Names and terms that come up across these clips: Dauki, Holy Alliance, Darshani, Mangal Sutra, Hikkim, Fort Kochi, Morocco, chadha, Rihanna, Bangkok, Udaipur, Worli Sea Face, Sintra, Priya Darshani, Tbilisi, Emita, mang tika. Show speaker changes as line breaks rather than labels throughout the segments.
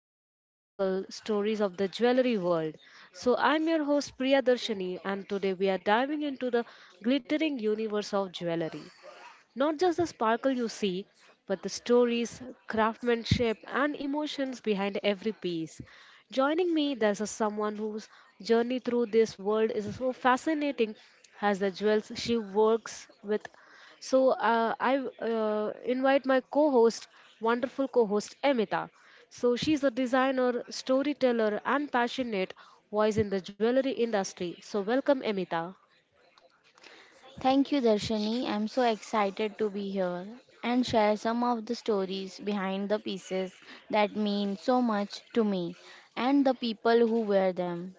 behind the sparkle stories of the jewelry world. I'm your host Priya Darshani, and today we are diving into the glittering universe of jewelry. Not just the sparkle you see, but the stories, craftsmanship, and emotions behind every piece. Joining me, there's a someone whose journey through this world is so fascinating as the jewels she works with. I invite my wonderful co-host Emita. So she's a designer, storyteller, and passionate voice in the jewelry industry. So welcome, Emita.
Thank you, Darshani. I'm so excited to be here and share some of the stories behind the pieces that mean so much to me and the people who wear them.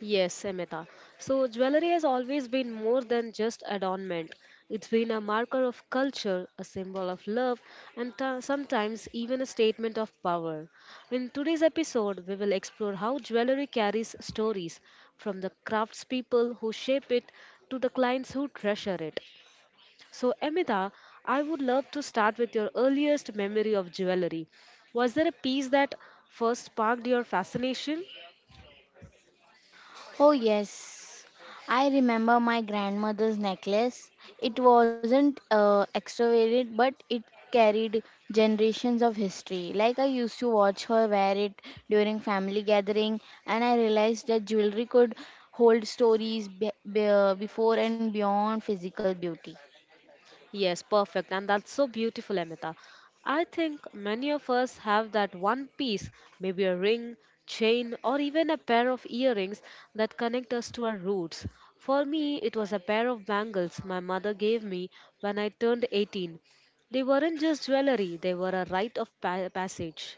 Yes, Amita. So, jewelry has always been more than just adornment. It's been a marker of culture, a symbol of love, and sometimes even a statement of power. In today's episode, we will explore how jewelry carries stories from the craftspeople who shape it to the clients who treasure it. So, Amita, I would love to start with your earliest memory of jewelry. Was there a piece that first sparked your fascination?
Oh, yes. I remember my grandmother's necklace. It wasn't extravagant, but it carried generations of history. Like, I used to watch her wear it during family gathering, and I realized that jewelry could hold stories before and beyond physical beauty.
Yes, perfect. And that's so beautiful, Amita. I think many of us have that one piece, maybe a ring, chain, or even a pair of earrings that connect us to our roots. For me, it was a pair of bangles my mother gave me when I turned 18. They weren't just jewelry, they were a rite of passage.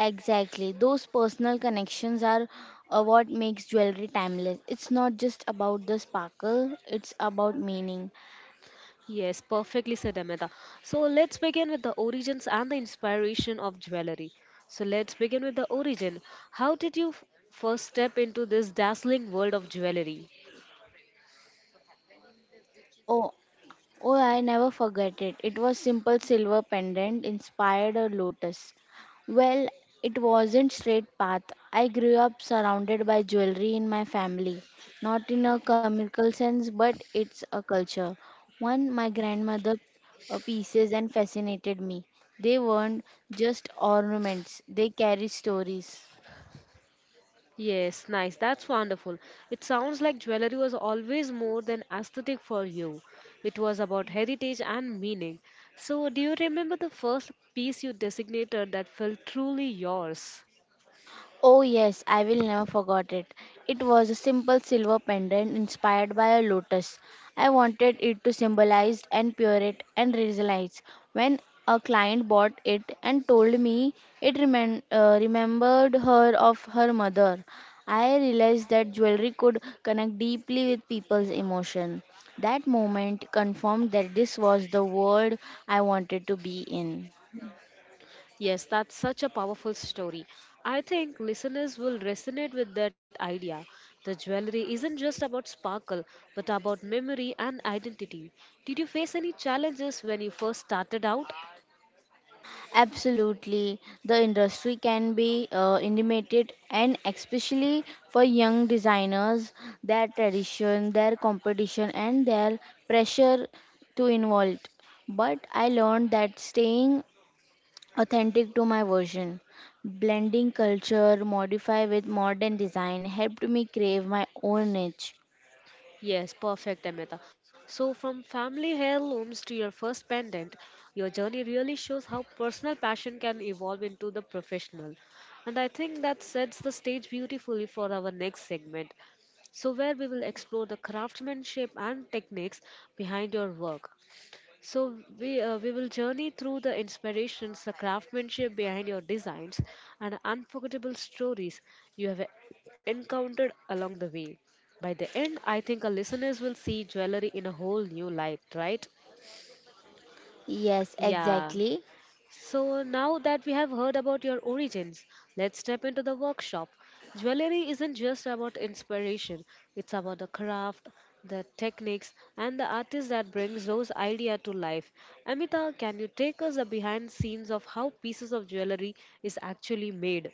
Exactly. Those personal connections are what makes jewelry timeless. It's not just about the sparkle, it's about meaning.
Yes, perfectly said Amita. So let's begin with the origins and the inspiration of jewelry. So let's begin with the origin. How did you first step into this dazzling world of jewelry?
Oh, Oh, I never forget it. It was simple silver pendant inspired a lotus. Well, it wasn't straight path. I grew up surrounded by jewelry in my family, not in a chemical sense, but it's a culture. One, my grandmother pieces and fascinated me. They weren't just ornaments; they carry stories.
Yes, nice. That's wonderful. It sounds like jewelry was always more than aesthetic for you. It was about heritage and meaning. So, do you remember the first piece you designated that felt truly yours?
Oh yes, I will never forget it. It was a simple silver pendant inspired by a lotus. I wanted it to symbolize and purity and resilience. When a client bought it and told me it remembered her of her mother, I realized that jewelry could connect deeply with people's emotion. That moment confirmed that this was the world I wanted to be in.
Yes, that's such a powerful story. I think listeners will resonate with that idea. The jewelry isn't just about sparkle, but about memory and identity. Did you face any challenges when you first started out?
Absolutely. The industry can be intimidated and especially for young designers, their tradition, their competition and their pressure to involve. But I learned that staying authentic to my version, blending culture, modify with modern design helped me crave my own niche.
Yes, perfect, Amita. So, from family heirlooms to your first pendant, your journey really shows how personal passion can evolve into the professional. And I think that sets the stage beautifully for our next segment. So, where we will explore the craftsmanship and techniques behind your work. So, we will journey through the inspirations, the craftsmanship behind your designs, and unforgettable stories you have encountered along the way. By the end, I think our listeners will see jewelry in a whole new light, right?
Yes,
Yeah.
exactly.
So, now that we have heard about your origins, let's step into the workshop. Jewelry isn't just about inspiration, it's about the craft, the techniques, and the artist that brings those ideas to life. Amita, can you take us a behind scenes of how pieces of jewelry is actually made?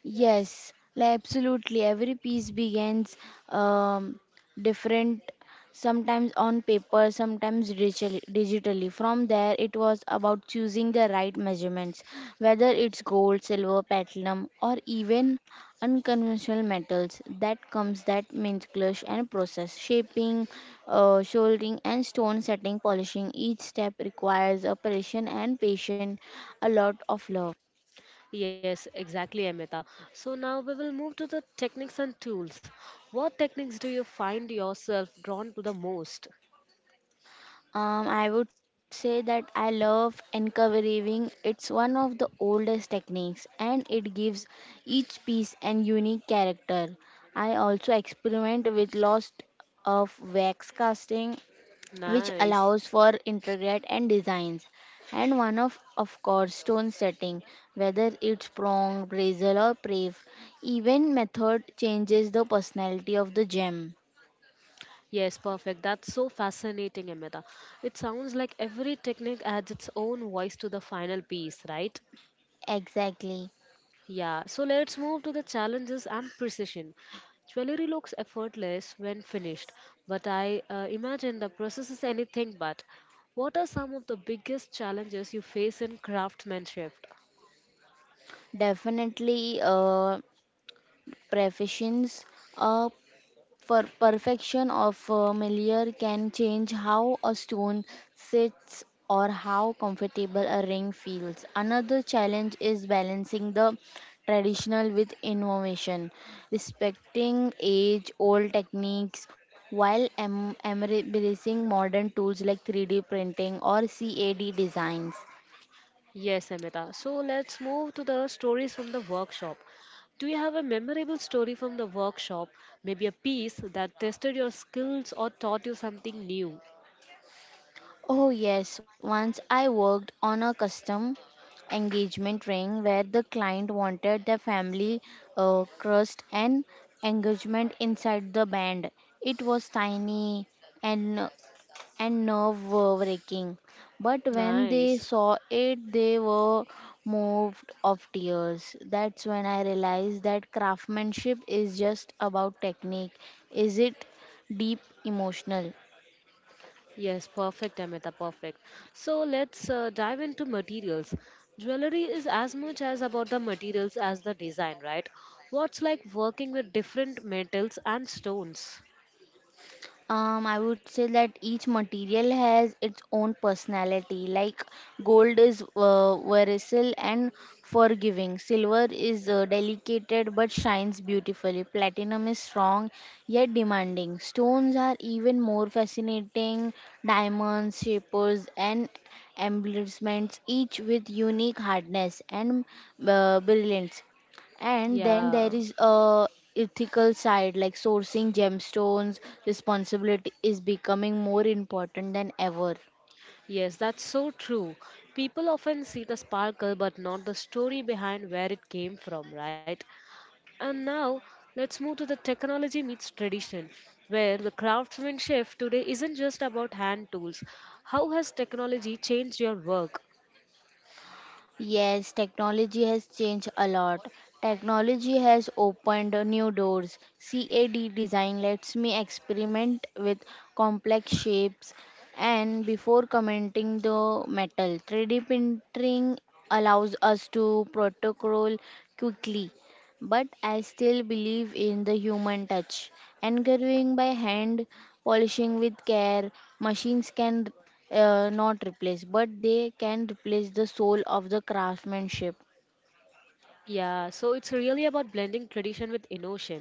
Yes, like absolutely. Every piece begins um, different, sometimes on paper, sometimes digitally. From there, it was about choosing the right measurements, whether it's gold, silver, platinum, or even unconventional metals. That comes that minutious and process, shaping, soldering, and stone setting, polishing. Each step requires a precision and patience, a lot of love.
Yes, exactly, Amita. So now we will move to the techniques and tools. What techniques do you find yourself drawn to the most?
I would say that I love encouraging. It's one of the oldest techniques and it gives each piece an unique character. I also experiment with lost of wax casting, which
Nice.
allows for intricate and designs, and one of course stone setting, whether it's prong brazil or prave, even method changes the personality of the gem.
Yes, perfect. That's so fascinating, Amita. It sounds like every technique adds its own voice to the final piece, right?
Exactly.
Yeah, so let's move to the challenges and precision. Jewelry looks effortless when finished, but I imagine the process is anything but. What are some of the biggest challenges you face in craftsmanship?
Definitely prefations, a perfection of familiar can change how a stone sits or how comfortable a ring feels. Another challenge is balancing the traditional with innovation, respecting age old techniques while embracing modern tools like 3D printing or CAD designs.
Yes, Amita. So let's move to the stories from the workshop. Do you have a memorable story from the workshop? Maybe a piece that tested your skills or taught you something new?
Oh, yes. Once I worked on a custom engagement ring where the client wanted their family crest and engagement inside the band. It was tiny and nerve-wracking, but when they
Nice.
saw it, they were moved of tears. That's when I realized that craftsmanship is just about technique. Is it deep emotional?
Yes, perfect, Amita, perfect. So let's dive into materials. Jewelry is as much as about the materials as the design, right? What's like working with different metals and stones?
I would say that each material has its own personality. Like, gold is versatile and forgiving. Silver is delicate but shines beautifully. Platinum is strong yet demanding. Stones are even more fascinating. Diamonds, shapers, and embellishments, each with unique hardness and brilliance. And then there
Yeah.
is a ethical side, like sourcing gemstones responsibility is becoming more important than ever.
Yes, that's so true. People often see the sparkle but not the story behind where it came from, right? And now let's move to the technology meets tradition, where the craftsmanship today isn't just about hand tools. How has technology changed your work?
Yes, technology has changed a lot. Technology has opened new doors. CAD design lets me experiment with complex shapes and before commenting the metal. 3D printing allows us to protocol quickly, but I still believe in the human touch. Engraving by hand, polishing with care, machines can not replace, but they can replace the soul of the craftsmanship.
Yeah, so it's really about blending tradition with innovation.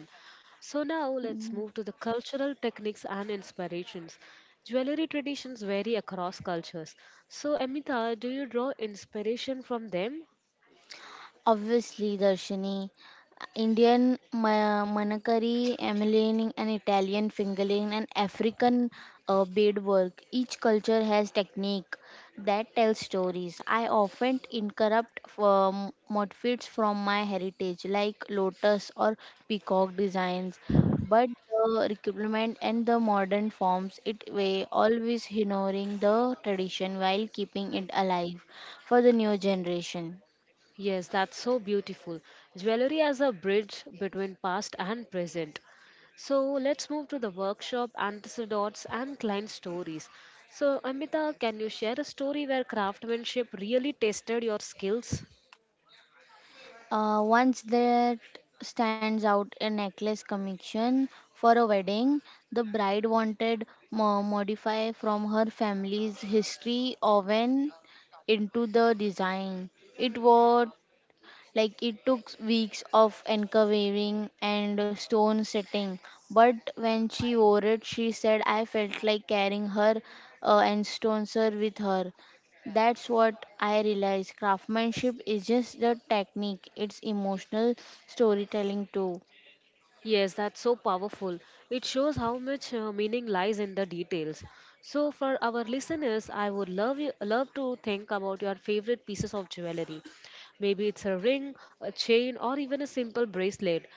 So now let's move to the cultural techniques and inspirations. Jewelry traditions vary across cultures. So, Amita, do you draw inspiration from them?
Obviously, Darshini, Indian manakari, Emilian, and Italian fingerling, and African beadwork. Each culture has technique that tells stories. I often incorrupt motifs from my heritage, like lotus or peacock designs, but the requirement and the modern forms it way always honoring the tradition while keeping it alive for the new generation.
Yes, that's so beautiful. Jewelry as a bridge between past and present. So let's move to the workshop, anecdotes, and client stories. So, Amita, can you share a story where craftsmanship really tested your skills?
Once that stands out a necklace connection for a wedding. The bride wanted modify from her family's history oven into the design. It was like it took weeks of uncovering and stone setting, but when she wore it, she said, "I felt like carrying her and stones her with her." That's what I realized. Craftsmanship is just the technique; it's emotional storytelling too.
Yes, that's so powerful. It shows how much meaning lies in the details. So, for our listeners, I would love to think about your favorite pieces of jewelry. Maybe it's a ring, a chain, or even a simple bracelet.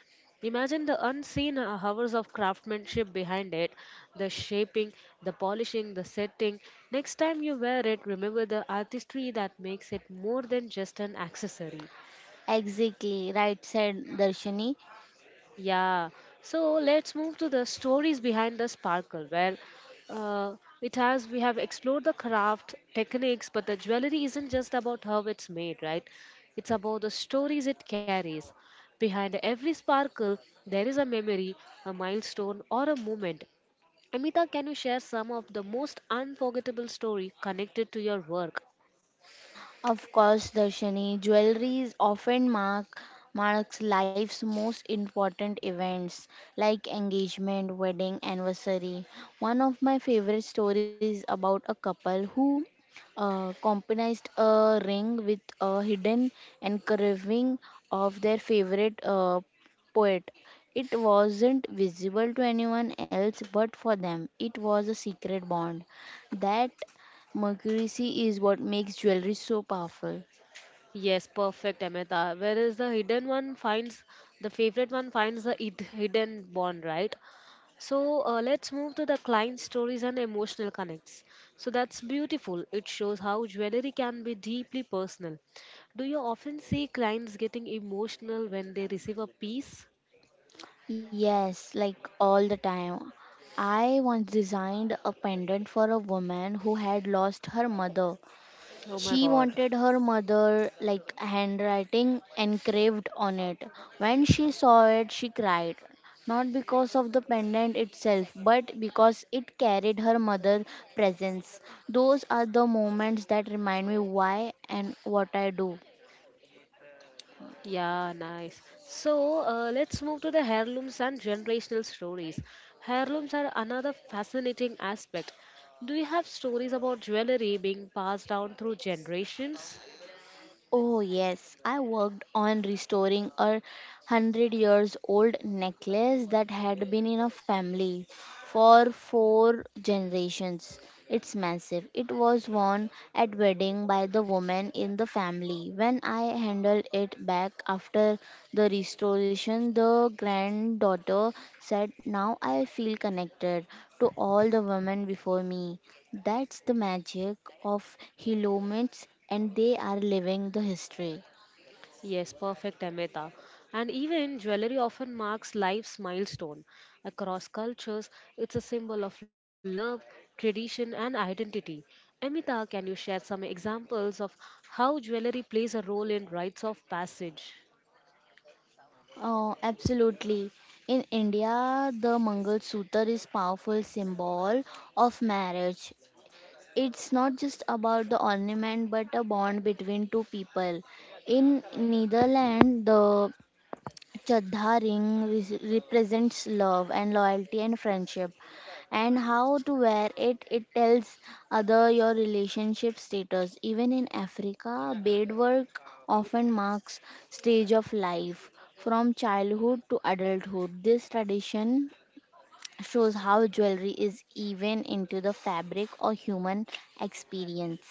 Imagine the unseen hours of craftsmanship behind it, the shaping, the polishing, the setting. Next time you wear it, remember the artistry that makes it more than just an accessory.
Exactly, right said Darshani.
Yeah, so let's move to the stories behind the sparkle, where uh, it has we have explored the craft techniques, but the jewelry isn't just about how it's made, right? It's about the stories it carries. Behind every sparkle, there is a memory, a milestone, or a moment. Amita, can you share some of the most unforgettable story connected to your work?
Of course, Darshani, jewelry is often marks life's most important events like engagement, wedding, anniversary. One of my favorite stories about a couple who compromised a ring with a hidden engraving of their favorite poet. It wasn't visible to anyone else, but for them, it was a secret bond that Mercury is what makes jewelry so powerful.
Yes, perfect, Amita. Whereas the hidden one finds the favorite one finds the hidden bond, right? So let's move to the client stories and emotional connects. So that's beautiful. It shows how jewelry can be deeply personal. Do you often see clients getting emotional when they receive a piece?
Yes, like all the time. I once designed a pendant for a woman who had lost her mother.
Oh my
She
god.
wanted her mother like handwriting engraved on it. When she saw it, she cried. Not because of the pendant itself, but because it carried her mother's presence. Those are the moments that remind me why and what I do.
Yeah, nice. So let's move to the heirlooms and generational stories. Heirlooms are another fascinating aspect. Do you have stories about jewelry being passed down through generations?
Oh, yes, I worked on restoring a hundred years old necklace that had been in a family for four generations. It's massive. It was worn at wedding by the woman in the family. When I handed it back after the restoration, the granddaughter said, "Now I feel connected to all the women before me." That's the magic of helmets, and they are living the history.
Yes, perfect, Amita. And even jewelry often marks life's milestone. Across cultures, it's a symbol of love, tradition, and identity. Amita, can you share some examples of how jewelry plays a role in rites of passage?
Oh, absolutely. In India, the Mangal Sutra is powerful symbol of marriage. It's not just about the ornament but a bond between two people. In Netherlands, the chadha ring represents love and loyalty and friendship, and how to wear it, it tells other your relationship status. Even in Africa, beadwork often marks stage of life from childhood to adulthood. This tradition shows how jewelry is even into the fabric or human experience.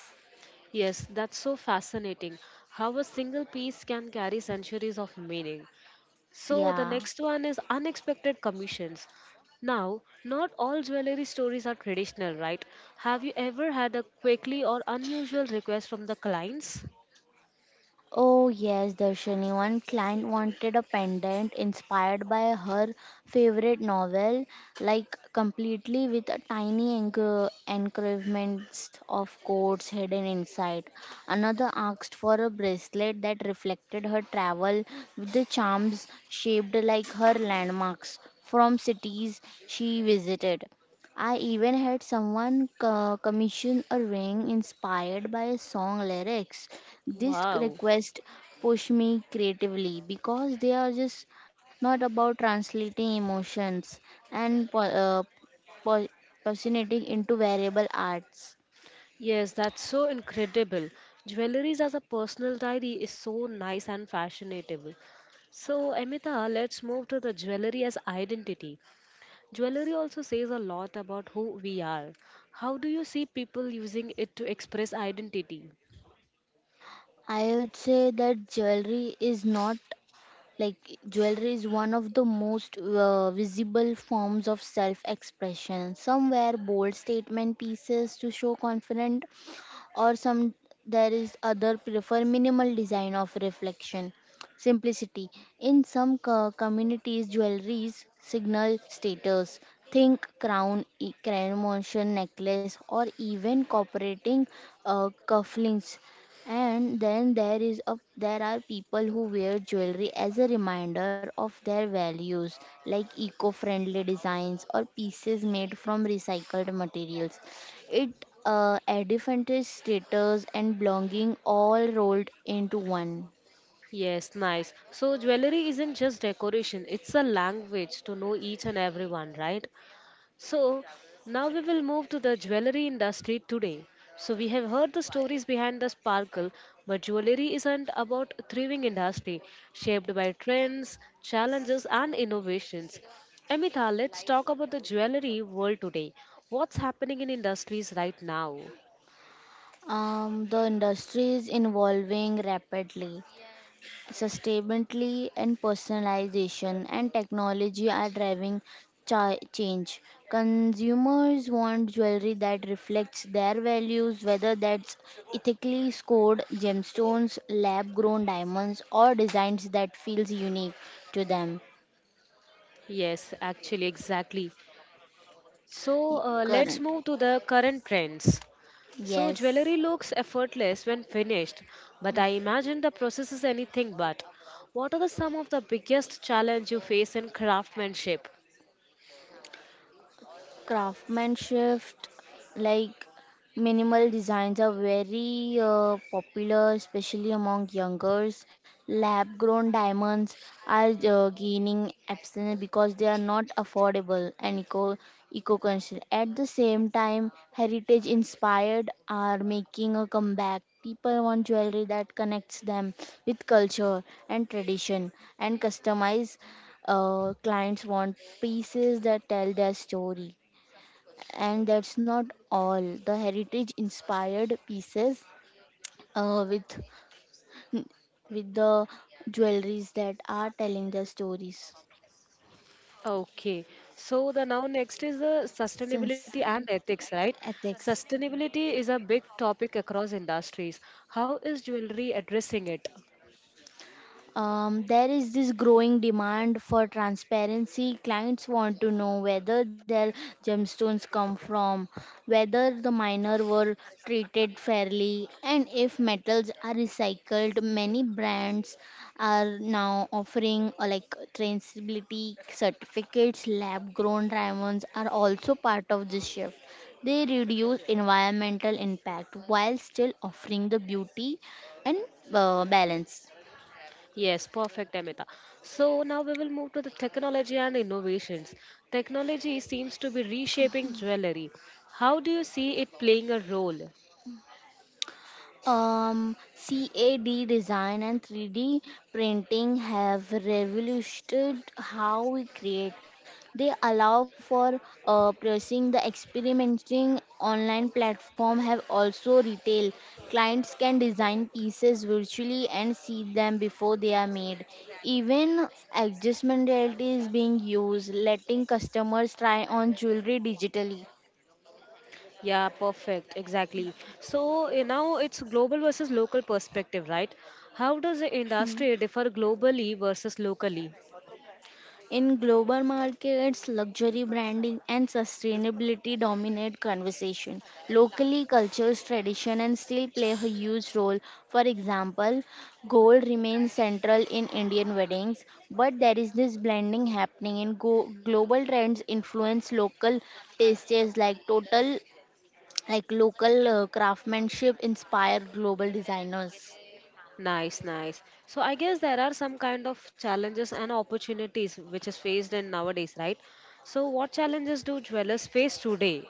Yes, that's so fascinating. How a single piece can carry centuries of meaning. So the
Yeah.
next one is unexpected commissions. Now, not all jewelry stories are traditional, right? Have you ever had a quickly or unusual request from the clients?
Oh yes, Darshini. One client wanted a pendant inspired by her favorite novel, like completely with a tiny engravements of quotes hidden inside. Another asked for a bracelet that reflected her travel with the charms shaped like her landmarks from cities she visited. I even had someone commission a ring inspired by song lyrics. This
Wow.
request pushed me creatively because they are just not about translating emotions and po- personating into variable arts.
Yes, that's so incredible. Jewelries as a personal diary is so nice and fashionable. So, Amita, let's move to the jewelry as identity. Jewelry also says a lot about who we are. How do you see people using it to express identity?
I would say that jewelry is not like jewelry is one of the most visible forms of self expression. Some wear bold statement pieces to show confidence, or some, there is other prefer minimal design of reflection simplicity. In some communities, jewelries signal status, think crown motion necklace or even cooperating cufflinks. And then there is a there are people who wear jewelry as a reminder of their values like eco-friendly designs or pieces made from recycled materials. It identifies status and belonging all rolled into one.
Yes, nice. So jewelry isn't just decoration, it's a language to know each and everyone, right? So now we will move to the jewelry industry today. So we have heard the stories behind the sparkle, but jewelry isn't about a thriving industry shaped by trends, challenges and innovations. Amita, let's talk about the jewelry world today. What's happening in industries right now?
The industry is evolving rapidly. Sustainability and personalization and technology are driving change. Consumers want jewelry that reflects their values, whether that's ethically scored gemstones, lab grown diamonds, or designs that feels unique to them.
Yes, actually, exactly. So let's
Current.
move to the current trends. So,
Yes.
jewelry looks effortless when finished, but I imagine the process is anything but. What are some of the biggest challenge you face in craftsmanship?
Craftsmanship, like, minimal designs are very popular especially among youngers. Lab grown diamonds are gaining absence because they are not affordable and eco conscious. At the same time, heritage inspired are making a comeback. People want jewelry that connects them with culture and tradition. And customize, clients want pieces that tell their story. And that's not all. The heritage inspired pieces uh, with with the jewelries that are telling the stories.
Okay, so the now next is the sustainability and
Sunset
ethics, right?
ethics.
Sustainability is a big topic across industries. How is jewelry addressing it?
There is this growing demand for transparency. Clients want to know whether their gemstones come from, whether the miner were treated fairly, and if metals are recycled. Many brands are now offering like traceability certificates. Lab-grown diamonds are also part of this shift. They reduce environmental impact while still offering the beauty and balance.
Yes, perfect, Amita. So now we will move to the technology and innovations. Technology seems to be reshaping jewelry. How do you see it playing a role?
Um, CAD design and 3D printing have revolutionized how we create. They allow for processing the experimenting online platform have also retail. Clients can design pieces virtually and see them before they are made. Even adjustment reality is being used, letting customers try on jewelry digitally.
Yeah, perfect. Exactly. So now it's global versus local perspective, right? How does the industry differ globally versus locally?
In global markets, luxury branding and sustainability dominate conversation. Locally, cultures, tradition, and still play a huge role. For example, gold remains central in Indian weddings, but there is this blending happening in global trends influence local tastes, like total like local craftsmanship inspire global designers.
Nice, nice. So I guess there are some kind of challenges and opportunities which is faced in nowadays, right? So what challenges do dwellers face today?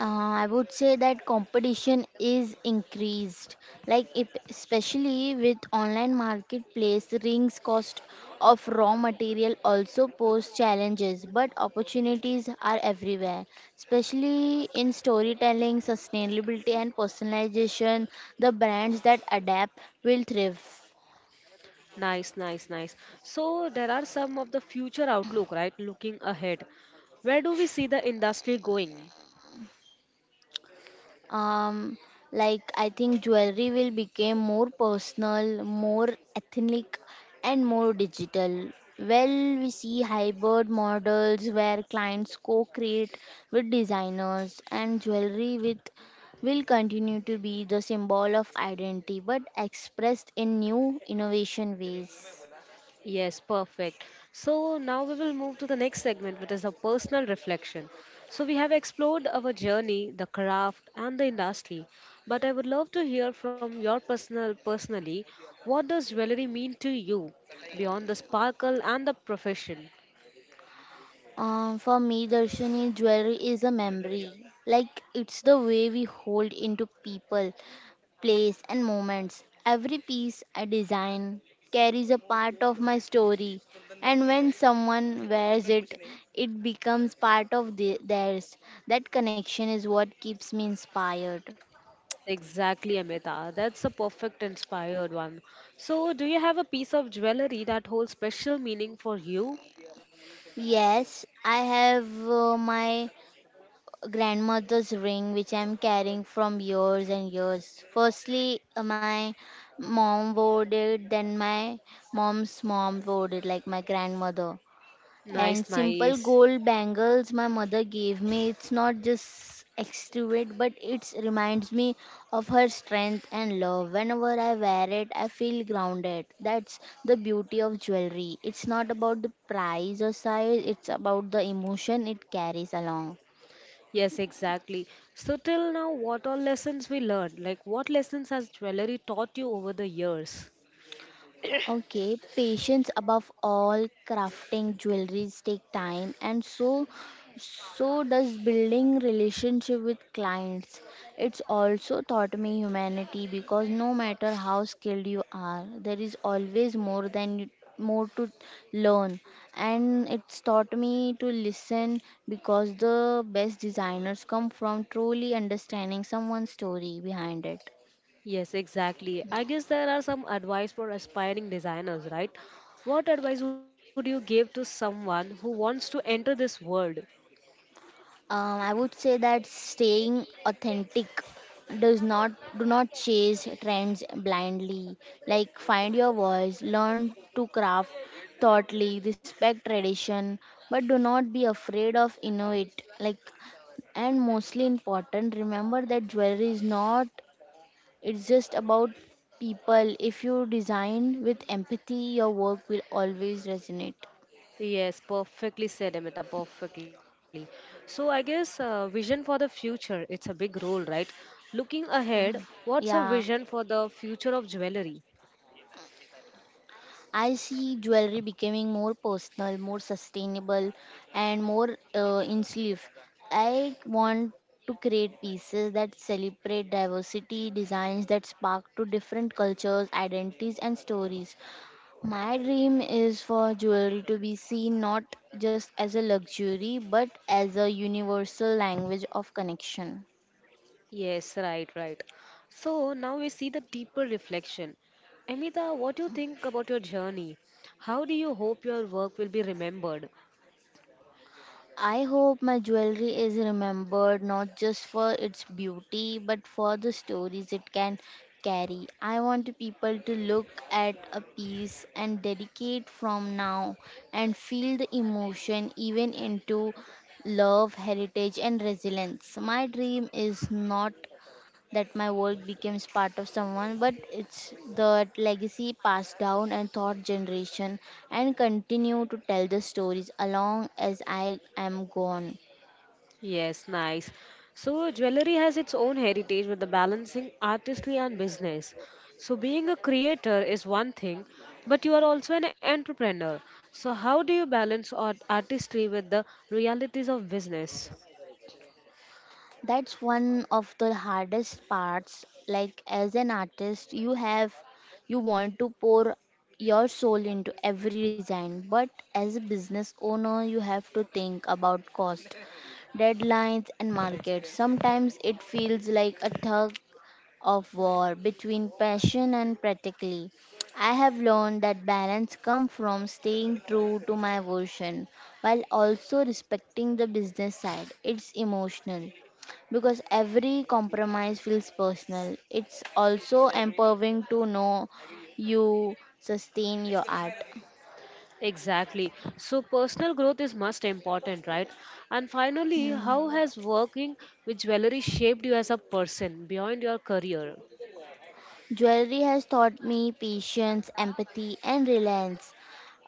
I would say that competition is increased, like if, especially with online marketplace, rings cost of raw material also pose challenges, but opportunities are everywhere, especially in storytelling, sustainability, and personalization. The brands that adapt will thrive.
Nice, nice, nice. So there are some of the future outlook, right? Looking ahead. Where do we see the industry going?
Um, like, I think jewelry will become more personal, more ethnic, and more digital. Well, we see hybrid models where clients co-create with designers, and jewelry with will continue to be the symbol of identity but expressed in new innovation ways.
Yes, perfect. So now we will move to the next segment, which is a personal reflection. So we have explored our journey, the craft, and the industry, but I would love to hear from your personal personally. What does jewelry mean to you beyond the sparkle and the profession?
Um, for me, Darshini, jewelry is a memory. Like, it's the way we hold into people. Place, and moments. Every piece I design carries a part of my story, and when someone wears it, it becomes part of theirs. That connection is what keeps me inspired.
Exactly, Amita. That's a perfect inspired one. So, do you have a piece of jewelry that holds special meaning for you?
Yes, I have my grandmother's ring which I'm carrying from years and years. Firstly, my mom wore it, then my mom's mom wore it, like my grandmother. And
Nice,
simple
nice.
gold bangles my mother gave me. It's not just extravagant, but it reminds me of her strength and love. Whenever I wear it, I feel grounded. That's the beauty of jewelry. It's not about the price or size, it's about the emotion it carries along.
Yes, exactly. So till now, what all lessons we learned? Like what lessons has jewelry taught you over the years?
Okay, patience above all. Crafting jewelries take time, and so does building relationship with clients. It's also taught me humanity because no matter how skilled you are, there is always more than you, more to learn. And it's taught me to listen because the best designers come from truly understanding someone's story behind it.
Yes, exactly. I guess there are some advice for aspiring designers, right? What advice would you give to someone who wants to enter this world?
I would say that staying authentic does not do not chase trends blindly. Like find your voice, learn to craft thoughtly, respect tradition, but do not be afraid of innovate. Like and mostly important, remember that jewelry is not it's just about people. If you design with empathy, your work will always resonate.
Yes, perfectly said, Amita, perfectly. So I guess vision for the future, it's a big role, right? Looking ahead,
Yeah.
what's a vision for the future of jewelry?
I see jewelry becoming more personal, more sustainable, and more inclusive. I want to create pieces that celebrate diversity, designs that spark to different cultures, identities, and stories. My dream is for jewelry to be seen not just as a luxury but as a universal language of connection.
Yes, right, right. So now we see the deeper reflection. Amita, what do you think about your journey? How do you hope your work will be remembered?
I hope my jewelry is remembered not just for its beauty but for the stories it can carry. I want people to look at a piece and dedicate from now and feel the emotion even into love, heritage and resilience. My dream is not that my work becomes part of someone, but it's the legacy passed down and thought generation and continue to tell the stories along as I am gone.
Yes, nice. So jewelry has its own heritage with the balancing artistry and business. So being a creator is one thing, but you are also an entrepreneur. So how do you balance artistry with the realities of business?
That's one of the hardest parts. Like as an artist, you want to pour your soul into every design, but as a business owner, you have to think about cost deadlines and market. Sometimes it feels like a tug of war between passion and practically. I have learned that balance comes from staying true to my version while also respecting the business side. It's emotional because every compromise feels personal. It's also empowering to know you sustain your art.
Exactly. So personal growth is most important, right? And finally,
Hmm.
how has working with jewelry shaped you as a person beyond your career?
Jewelry has taught me patience, empathy, and reliance.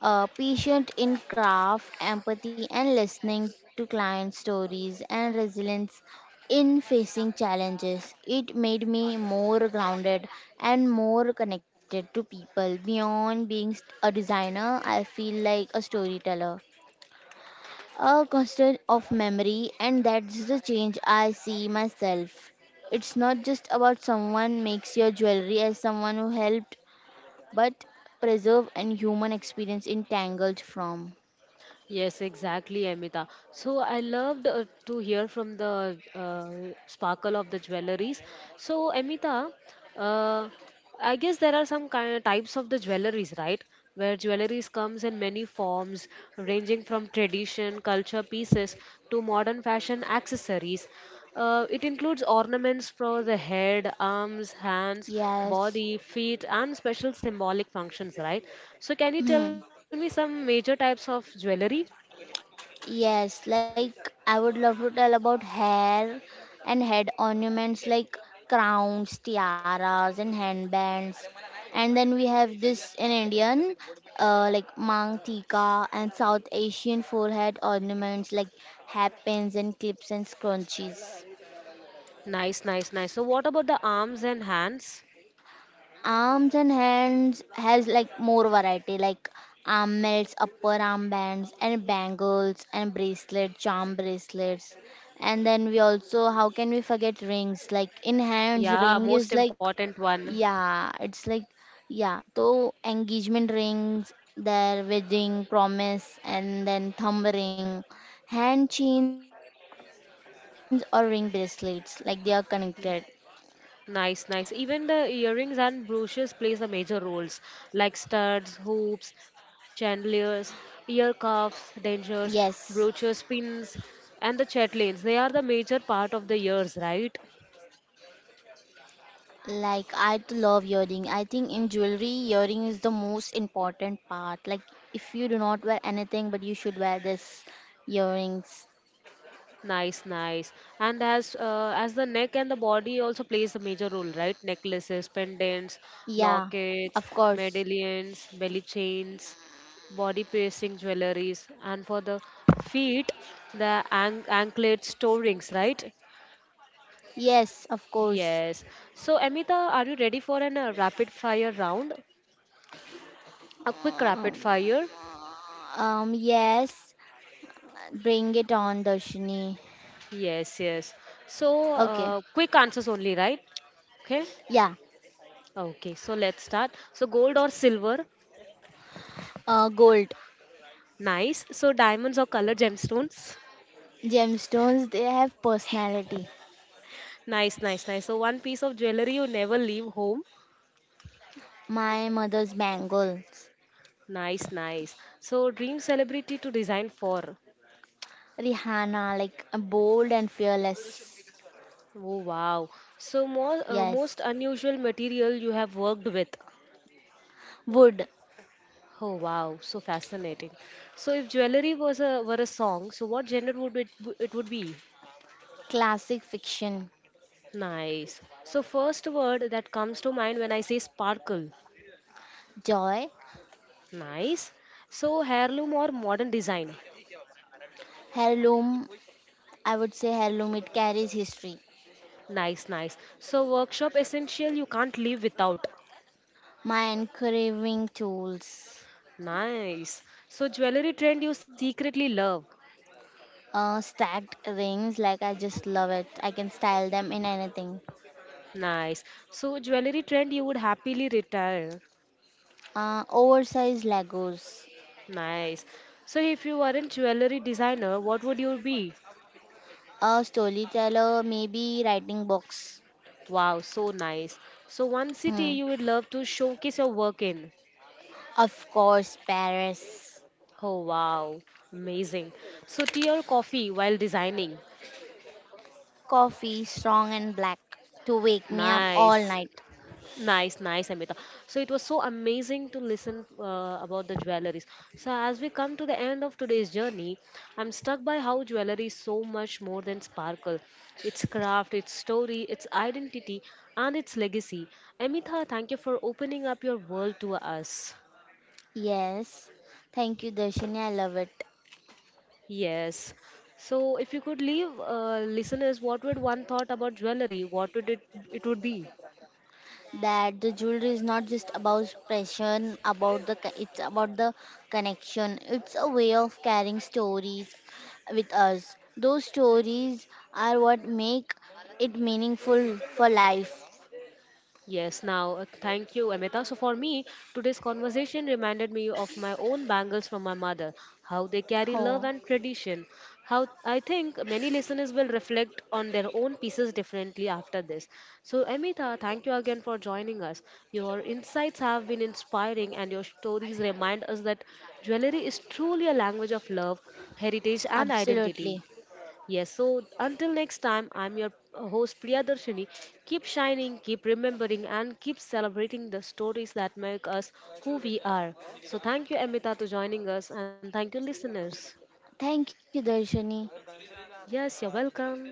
Patient in craft, empathy and listening to client stories, and resilience in facing challenges. It made me more grounded and more connected to people. Beyond being a designer, I feel like a storyteller, a constant of memory, and that's the change I see myself. It's not just about someone makes your jewelry as someone who helped, but preserve and human experience entangled from.
Yes, exactly, Amita. So I loved to hear from the sparkle of the jewelries. So Amita, uh, I guess there are some kind of types of the jewelries, right? Where jewelries comes in many forms, ranging from tradition, culture pieces to modern fashion accessories. It includes ornaments for the head, arms, hands, body,
Yes.
feet, and special symbolic functions, right? So, can you tell me
Hmm.
some major types of jewelry?
Yes, like I would love to tell about hair and head ornaments like crowns, tiaras, and handbands. And then we have this in Indian, like mang tika and South Asian forehead ornaments like hairpins and clips and scrunchies.
Nice, nice, nice. So, what about the arms and hands?
Arms and hands has like more variety like arm melts, upper armbands and bangles and bracelet, charm bracelets. And then we also how can we forget rings? Like in hands
Yeah,
ring is
most
like
important one.
yeah, it's like yeah, so engagement rings, their wedding promise and then thumb ring, hand chains or ring bracelets like they are connected.
Nice, nice. Even the earrings and brooches plays the major roles like studs, hoops, chandeliers, ear cuffs,
Yes.
dangers, brooches, pins, and the chatlins. They are the major part of the ears, right?
Like I love earring. I think in jewelry, earring is the most important part. Like if you do not wear anything, but you should wear this earrings.
Nice, nice. And as the neck and the body also plays a major role, right? Necklaces, pendants,
Yeah,
lockets,
of course.
medallions, belly chains, body piercing jewelries, and for the feet, the an anklets, toe rings, right?
Yes, of course.
Yes. So, Amita, are you ready for an rapid fire round? A quick
Um,
rapid fire.
yes. Bring it on, Darshini.
Yes, yes. So,
Okay.
quick answers only, right? Okay.
Yeah.
Okay, so let's start. So, gold or silver?
Gold.
Nice. So diamonds or colored gemstones?
Gemstones. They have personality.
Nice, nice, nice. So one piece of jewelry you never leave home.
My mother's bangles.
Nice, nice. So dream celebrity to design for.
Rihanna, like bold and fearless.
Oh wow. So more
Yes.
most unusual material you have worked with.
Wood.
Oh wow, so fascinating. So if jewelry was a were a song, so what genre would it it would be?
Classic fiction,
Nice. So first word that comes to mind when I say sparkle.
joy,
Nice. So heirloom or modern design?
heirloom. I would say heirloom. It carries history.
Nice, nice. So workshop essential you can't live without.
My engraving tools.
Nice. So jewelry trend you secretly love.
Stacked rings. Like I just love it. I can style them in anything.
Nice. So jewelry trend you would happily retire.
Oversized Legos.
Nice. So if you weren't jewelry designer, what would you be?
A storyteller, maybe writing box.
Wow, so nice. So one city
Hmm.
you would love to showcase your work in.
Of course, Paris.
Oh wow, amazing. So tea or coffee while designing.
Coffee, strong and black, to wake me up all
Nice.
night.
Nice, nice, Amita. So it was so amazing to listen about the jewelries. So as we come to the end of today's journey, I'm struck by how jewelry is so much more than sparkle. Its craft, its story, its identity, and its legacy. Amita, thank you for opening up your world to us.
Yes. Thank you, Darshini. I love it.
Yes. So if you could leave listeners, what would one thought about jewelry? What would it it would be?
That the jewelry is not just about passion about it's about the connection. It's a way of carrying stories with us. Those stories are what make it meaningful for life.
Yes, now thank you, Amita. So, for me, today's conversation reminded me of my own bangles from my mother, how they carry
Oh,
love and tradition. How I think many listeners will reflect on their own pieces differently after this. So, Amita, thank you again for joining us. Your insights have been inspiring, and your stories remind us that jewelry is truly a language of love, heritage, and identity.
absolutely.
Yes, so until next time, I'm your host Priyadarshini. Keep shining, keep remembering, and keep celebrating the stories that make us who we are. So, thank you, Amita, to joining us, and thank you, listeners.
Thank you, darshani.
Yes, you're welcome.